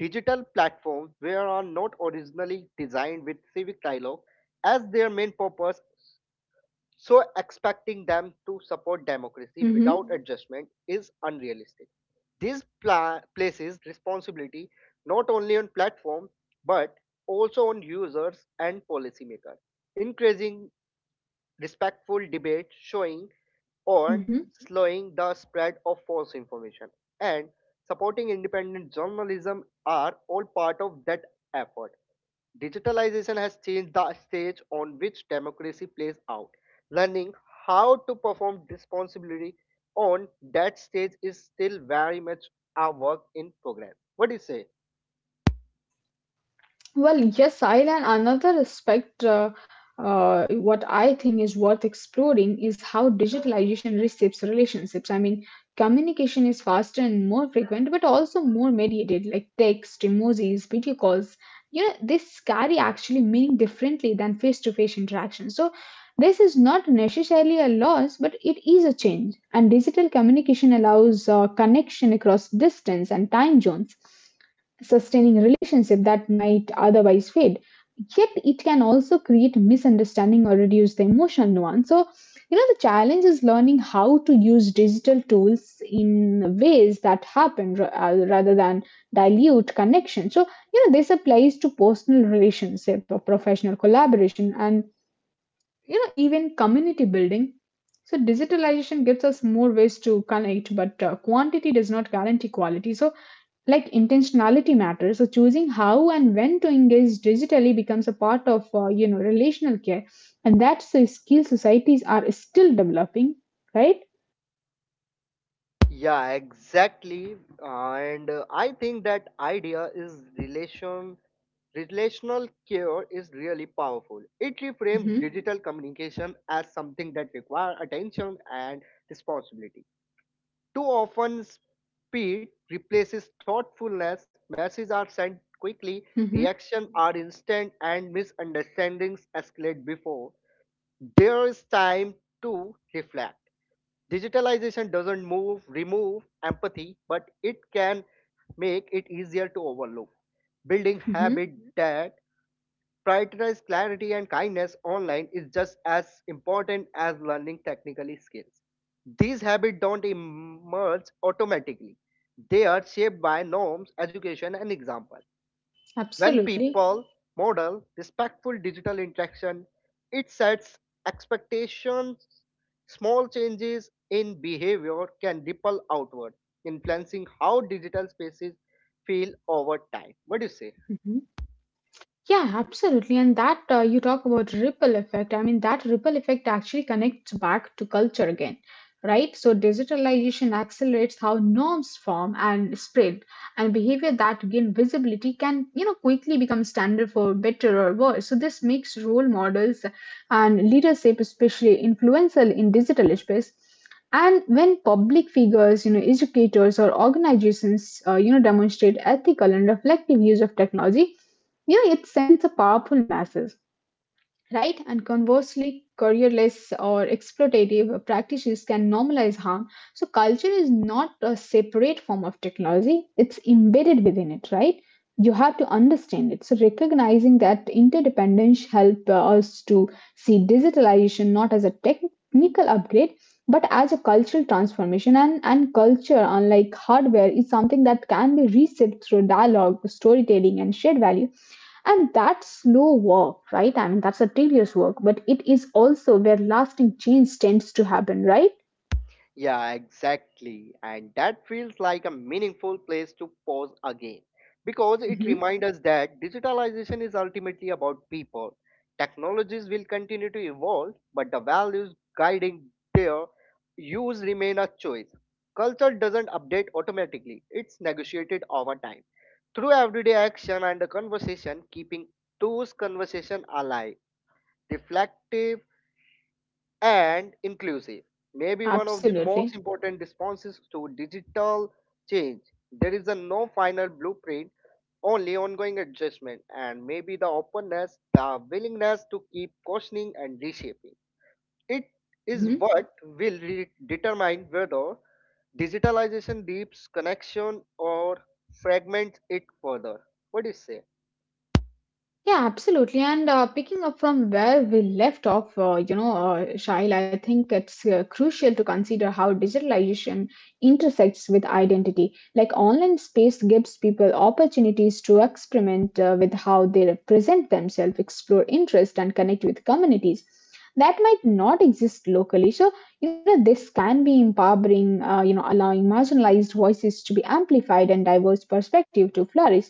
S2: Digital platforms were not originally designed with civic dialogue as their main purpose, so expecting them to support democracy
S1: Mm-hmm.
S2: without adjustment is unrealistic. This pla- places responsibility not only on platforms but also on users and policymakers. Increasing respectful debate, showing on
S1: Mm-hmm.
S2: slowing the spread of false information and supporting independent journalism are all part of that effort. Digitalization has changed the stage on which democracy plays out. Learning how to perform responsibly on that stage is still very much a work in progress. What do you say?
S1: Well, yes, Sahil, and another aspect uh, uh, what I think is worth exploring is how digitalization reshapes relationships. I mean, communication is faster and more frequent, but also more mediated, like text, emojis, video calls. You know, this carry actually meaning differently than face-to-face interaction. So, this is not necessarily a loss, but it is a change. And digital communication allows uh, connection across distance and time zones, sustaining a relationship that might otherwise fade. Yet it can also create misunderstanding or reduce the emotional nuance. So, you know, the challenge is learning how to use digital tools in ways that happen ra- uh, rather than dilute connection. So, you know, this applies to personal relationship, or professional collaboration, and, you know, even community building. So, digitalization gives us more ways to connect, but uh, quantity does not guarantee quality. So, like intentionality matters, so choosing how and when to engage digitally becomes a part of uh, you know relational care, and that's a skill societies are still developing, right?
S2: Yeah, exactly. And uh, I think that idea is relation relational care is really powerful. It reframes
S1: Mm-hmm.
S2: digital communication as something that requires attention and responsibility. Too often, speed replaces thoughtfulness. Messages are sent quickly,
S1: Mm-hmm.
S2: reactions are instant, and misunderstandings escalate before there is time to reflect. Digitalization doesn't move, remove empathy, but it can make it easier to overlook. Building
S1: Mm-hmm.
S2: habit that prioritize clarity and kindness online is just as important as learning technically skills. These habits don't emerge automatically. They are shaped by norms, education, and example. When
S1: Absolutely.
S2: people model respectful digital interaction, it sets expectations. Small changes in behavior can ripple outward, influencing how digital spaces feel over time. What do you say?
S1: Yeah, absolutely. And that uh, you talk about ripple effect. I mean, that ripple effect actually connects back to culture again, right? So, digitalization accelerates how norms form and spread, and behavior that gain visibility can, you know, quickly become standard for better or worse. So, this makes role models and leadership especially influential in digital space. And when public figures, you know, educators or organizations, uh, you know, demonstrate ethical and reflective use of technology, yeah, it sends a powerful message, right? And conversely, careerless or exploitative practices can normalize harm. So, culture is not a separate form of technology, it's embedded within it, right? You have to understand it. So, recognizing that interdependence help uh, us to see digitalization not as a technical upgrade, but as a cultural transformation. And, and culture, unlike hardware, is something that can be reshaped through dialogue, storytelling, and shared value, and that slow walk, right? I mean, that's a tedious work, but it is also where lasting change tends to happen, right?
S2: Yeah, exactly. And that feels like a meaningful place to pause again because it
S1: Hmm.
S2: reminds us that digitalization is ultimately about people. Technologies will continue to evolve, but the values guiding their use remain a choice. Culture doesn't update automatically, it's negotiated over time through everyday action and the conversation, keeping those conversation alive, reflective and inclusive may be one of the
S1: Absolutely.
S2: most important responses to digital change. There is a no final blueprint, only ongoing adjustment, and maybe the openness, the willingness to keep questioning and reshaping. It is
S1: Hmm.
S2: what will re- determine whether digitalization deeps connection or fragments it further. What do you say?
S1: Yeah, absolutely. And uh, picking up from where we left off, uh, you know, uh, Shail, I think it's uh, crucial to consider how digitalization intersects with identity. Like online space gives people opportunities to experiment uh, with how they represent themselves, explore interest, and connect with communities that might not exist locally. So you know, this can be empowering, uh, you know, allowing marginalized voices to be amplified and diverse perspective to flourish.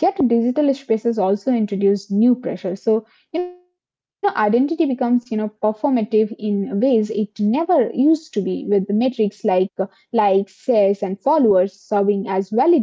S1: Yet digital spaces also introduce new pressure. So, you know, identity becomes, you know, performative in ways it never used to be with metrics like uh, likes, shares, and followers serving as validation.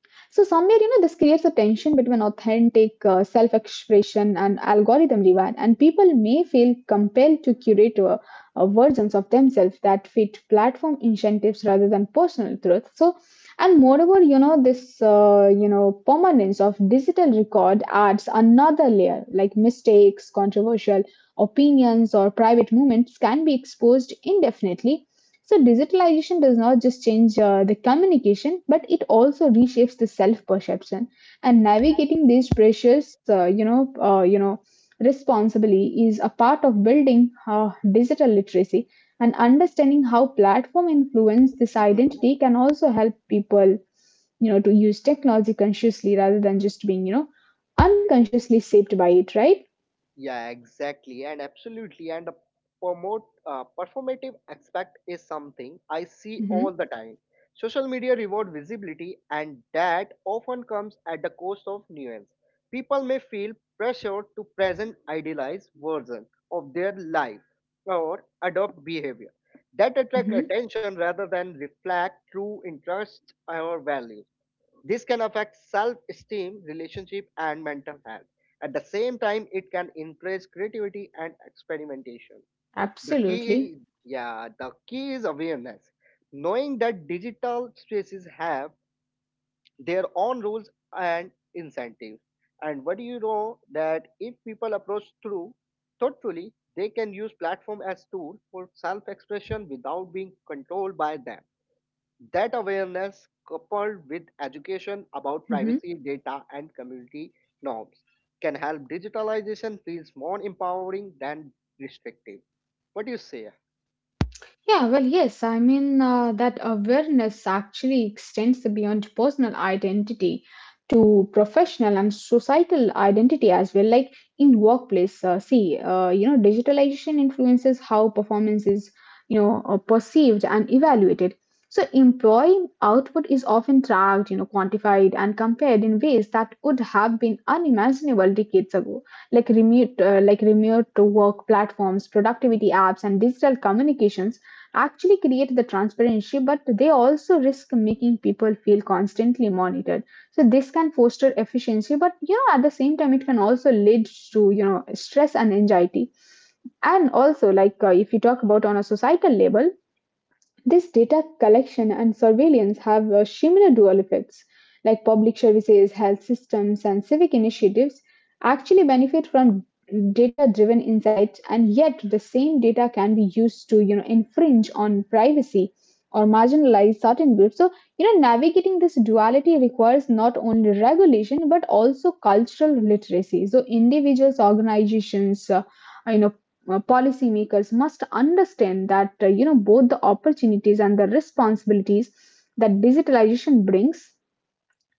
S1: So somewhere, you know, this creates a tension between authentic uh, self-expression and algorithm driven, and people may feel compelled to curate uh, uh, versions of themselves that fit platform incentives rather than personal truth. So, and moreover, you know, this uh, you know permanence of digital record adds another layer, like mistakes, controversial opinions, or private movements can be exposed indefinitely. So, digitalization does not just change uh, the communication, but it also reshapes the self-perception. And navigating these pressures, uh, you know, uh, you know, responsibly is a part of building uh, digital literacy. And understanding how platform influence this
S2: Mm-hmm.
S1: identity can also help people, you know, to use technology consciously rather than just being, you know, unconsciously shaped by it. Right?
S2: Yeah, exactly, and absolutely, and the promote uh, performative aspect is something I see
S1: Mm-hmm,
S2: all the time. Social media reward visibility, and that often comes at the cost of nuance. People may feel pressured to present idealized version of their life or adopt behavior that attract
S1: mm-hmm,
S2: attention rather than reflect true interests or values. This can affect self esteem, relationship, and mental health. At the same time, it can encourage creativity and experimentation. The
S1: absolutely.
S2: key, yeah, the key is awareness. Knowing that digital spaces have their own rules and incentives. And what do you know that if people approach through thoughtfully, they can use platform as tool for self-expression without being controlled by them. That awareness, coupled with education about
S1: Mhm.
S2: privacy, data, and community norms, can help digitalization feels more empowering than restrictive. What do you say?
S1: Yeah, well, yes. I mean, uh, that awareness actually extends beyond personal identity to professional and societal identity as well. Like in workplace, uh, see, uh, you know, digitalization influences how performance is, you know, uh, perceived and evaluated. So employee output is often tracked, you know, quantified and compared in ways that would have been unimaginable decades ago, like remote uh, like remote to work platforms, productivity apps, and digital communications actually create the transparency, but they also risk making people feel constantly monitored. So this can foster efficiency, but you know at the same time it can also lead to you know stress and anxiety. And also like uh, if you talk about on a societal level, this data collection and surveillance have uh, similar dual effects. Like public services, health systems, and civic initiatives actually benefit from data-driven insights, and yet the same data can be used to, you know, infringe on privacy or marginalize certain groups. So, you know, navigating this duality requires not only regulation but also cultural literacy. So, individuals, organizations, uh, you know, uh, policymakers must understand that uh, you know both the opportunities and the responsibilities that digitalization brings.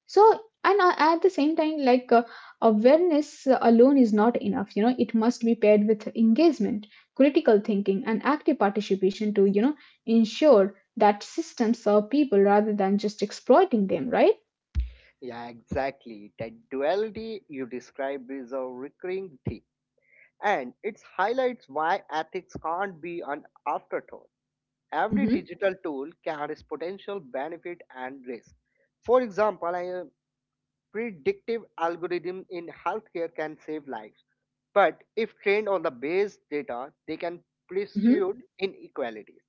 S1: So and uh, at the same time like uh, awareness alone is not enough, you know, it must be paired with engagement, critical thinking, and active participation to you know ensure that systems serve people rather than just exploiting them, right?
S2: Yeah, exactly. That duality you describe is a recurring theme, and it highlights why ethics can't be an afterthought. Every
S1: Mm-hmm,
S2: digital tool carries potential benefit and risk. For example, I, predictive algorithms in healthcare can save lives, but if trained on the base data, they can
S1: mm-hmm,
S2: pursue inequalities.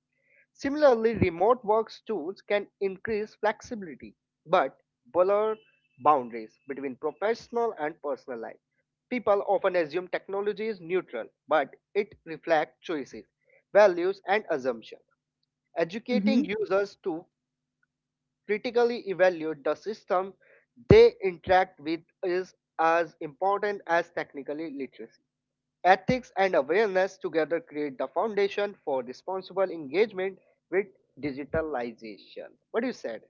S2: Similarly, remote work tools can increase flexibility, but blur boundaries between professional and personal life. People often assume technology is neutral, but it reflects choices, values, and assumptions. Educating
S1: mm-hmm.
S2: users to critically evaluate the system they interact with is as important as technical literacy. Ethics and awareness together create the foundation for responsible engagement with digitalization. What do you said?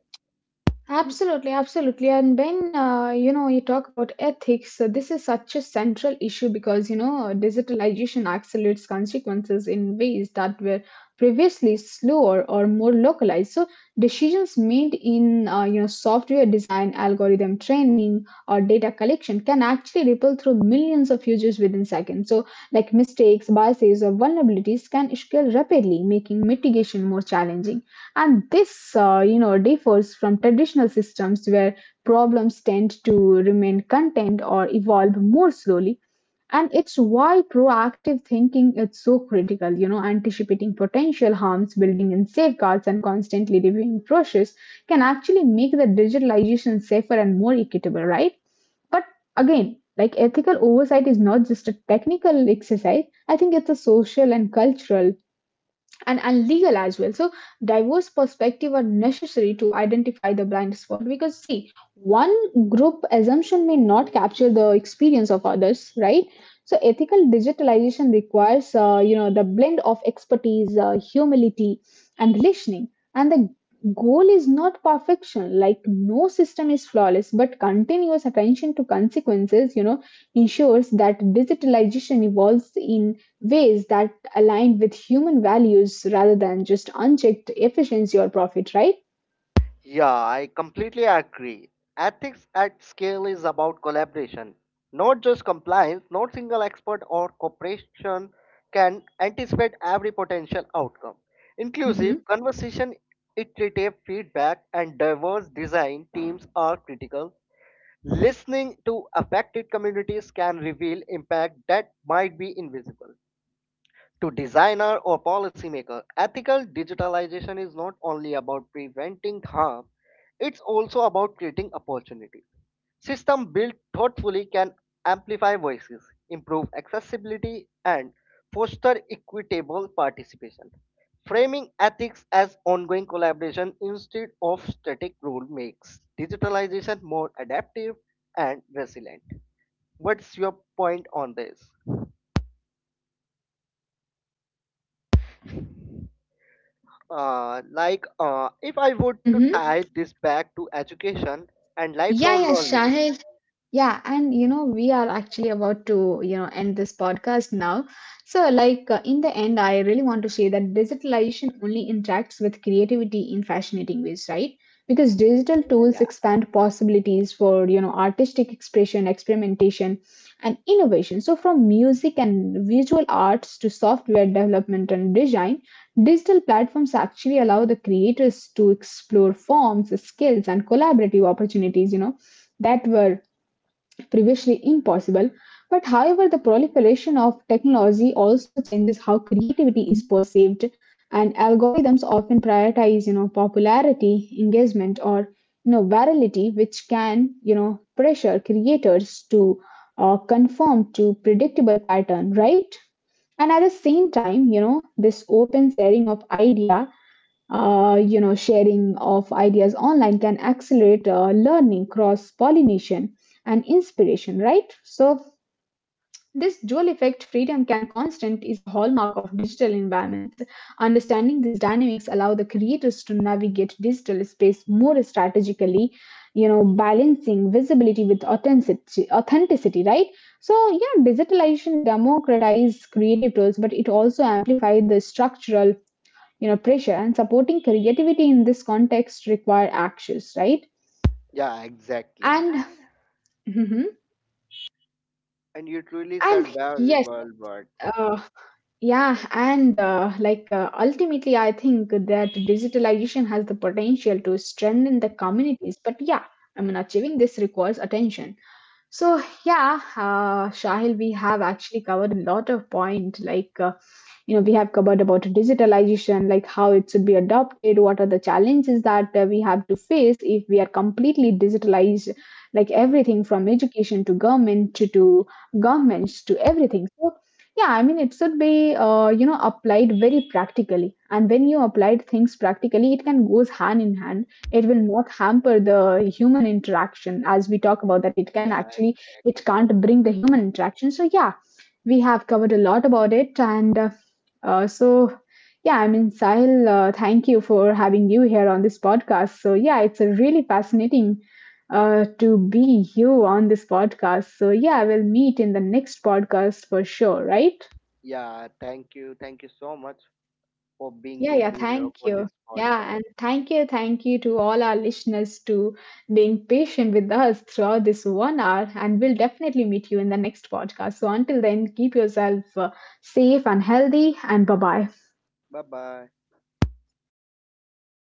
S1: Absolutely, absolutely. And when uh, you know you talk about ethics, uh, this is such a central issue because you know digitalization accelerates consequences in ways that were previously slower or more localized. So decisions made in uh, you know software design, algorithm training, or data collection can actually ripple through millions of users within seconds. So like mistakes, biases, or vulnerabilities can scale rapidly, making mitigation more challenging. And this, uh, you know, differs from traditional systems where problems tend to remain contained or evolve more slowly. And it's why proactive thinking is so critical, you know, anticipating potential harms, building in safeguards, and constantly reviewing process can actually make the digitalization safer and more equitable, right? But again, like ethical oversight is not just a technical exercise, I think it's a social and cultural and, and legal as well. So diverse perspective are necessary to identify the blind spot, because see, one group assumption may not capture the experience of others, right? So ethical digitalization requires uh, you know the blend of expertise, uh, humility, and listening. And the goal is not perfection. Like no system is flawless, but continuous attention to consequences, you know, ensures that digitalization evolves in ways that aligned with human values rather than just unchecked efficiency or profit, right?
S2: Yeah, I completely agree. Ethics at scale is about collaboration, not just compliance. Not single expert or corporation can anticipate every potential outcome. Inclusive
S1: Mm-hmm.
S2: conversation, iterative feedback, and diverse design teams are critical. Listening to affected communities can reveal impact that might be invisible. To designer or policymaker, ethical digitalization is not only about preventing harm, it's also about creating opportunities. System built thoughtfully can amplify voices, improve accessibility, and foster equitable participation. Framing ethics as ongoing collaboration instead of static rule makes digitalization more adaptive and resilient. What's your point on this? Uh, like uh, if I would to
S1: Mm-hmm.
S2: tie this back to education and
S1: Yeah,
S2: lifelong
S1: yeah,
S2: learning.
S1: Shahil. Yeah, and you know, we are actually about to, you know, end this podcast now. So, like uh, in the end, I really want to say that digitalization only interacts with creativity in fascinating ways, right? Because digital tools
S2: Yeah,
S1: expand possibilities for, you know, artistic expression, experimentation, and innovation. So, from music and visual arts to software development and design, digital platforms actually allow the creators to explore forms, skills, and collaborative opportunities, you know, that were previously impossible. But however, the proliferation of technology also changes how creativity is perceived, and algorithms often prioritize, you know, popularity, engagement, or you know, virality, which can, you know, pressure creators to uh, conform to predictable pattern, right? And at the same time, you know, this open sharing of idea uh, you know, sharing of ideas online can accelerate uh, learning, cross pollination, and inspiration, right? So, this dual effect freedom can constant is a hallmark of digital environments. Understanding these dynamics allow the creators to navigate digital space more strategically, you know, balancing visibility with authenticity, authenticity, right? So, yeah, digitalization democratized creative tools, but it also amplified the structural you know pressure, and supporting creativity in this context require actions, right?
S2: yeah, exactly.
S1: And mhm.
S2: And you truly said
S1: And
S2: very
S1: yes,
S2: well, but
S1: uh, yeah, and uh, like uh, ultimately I think that digitalization has the potential to strengthen the communities, but yeah, I mean achieving this requires attention. So yeah, uh, Shahil, we have actually covered a lot of point. Like uh, you know, we have covered about digitalization, like how it should be adopted, what are the challenges that uh, we have to face if we are completely digitalized, like everything from education to government to, to governments to everything. So yeah, I mean, it should be uh, you know applied very practically, and when you apply things practically, it can goes hand in hand, it will not hamper the human interaction as we talk about that it can
S2: yeah,
S1: actually it
S2: exactly.
S1: can't bring the human interaction. So yeah, we have covered a lot about it and uh, uh, so yeah I mean Sahil, uh, thank you for having you here on this podcast. So yeah it's a really fascinating uh, to be you on this podcast. So yeah we'll meet in the next podcast for sure, right?
S2: Yeah, thank you, thank you so much for being
S1: Yeah,
S2: with
S1: yeah,
S2: me here
S1: thank
S2: for
S1: you.
S2: this
S1: Yeah,
S2: podcast.
S1: and thank you, thank you to all our listeners to being patient with us throughout this one hour. And we'll definitely meet you in the next podcast. So until then, keep yourself uh, safe and healthy, and bye bye.
S2: Bye bye.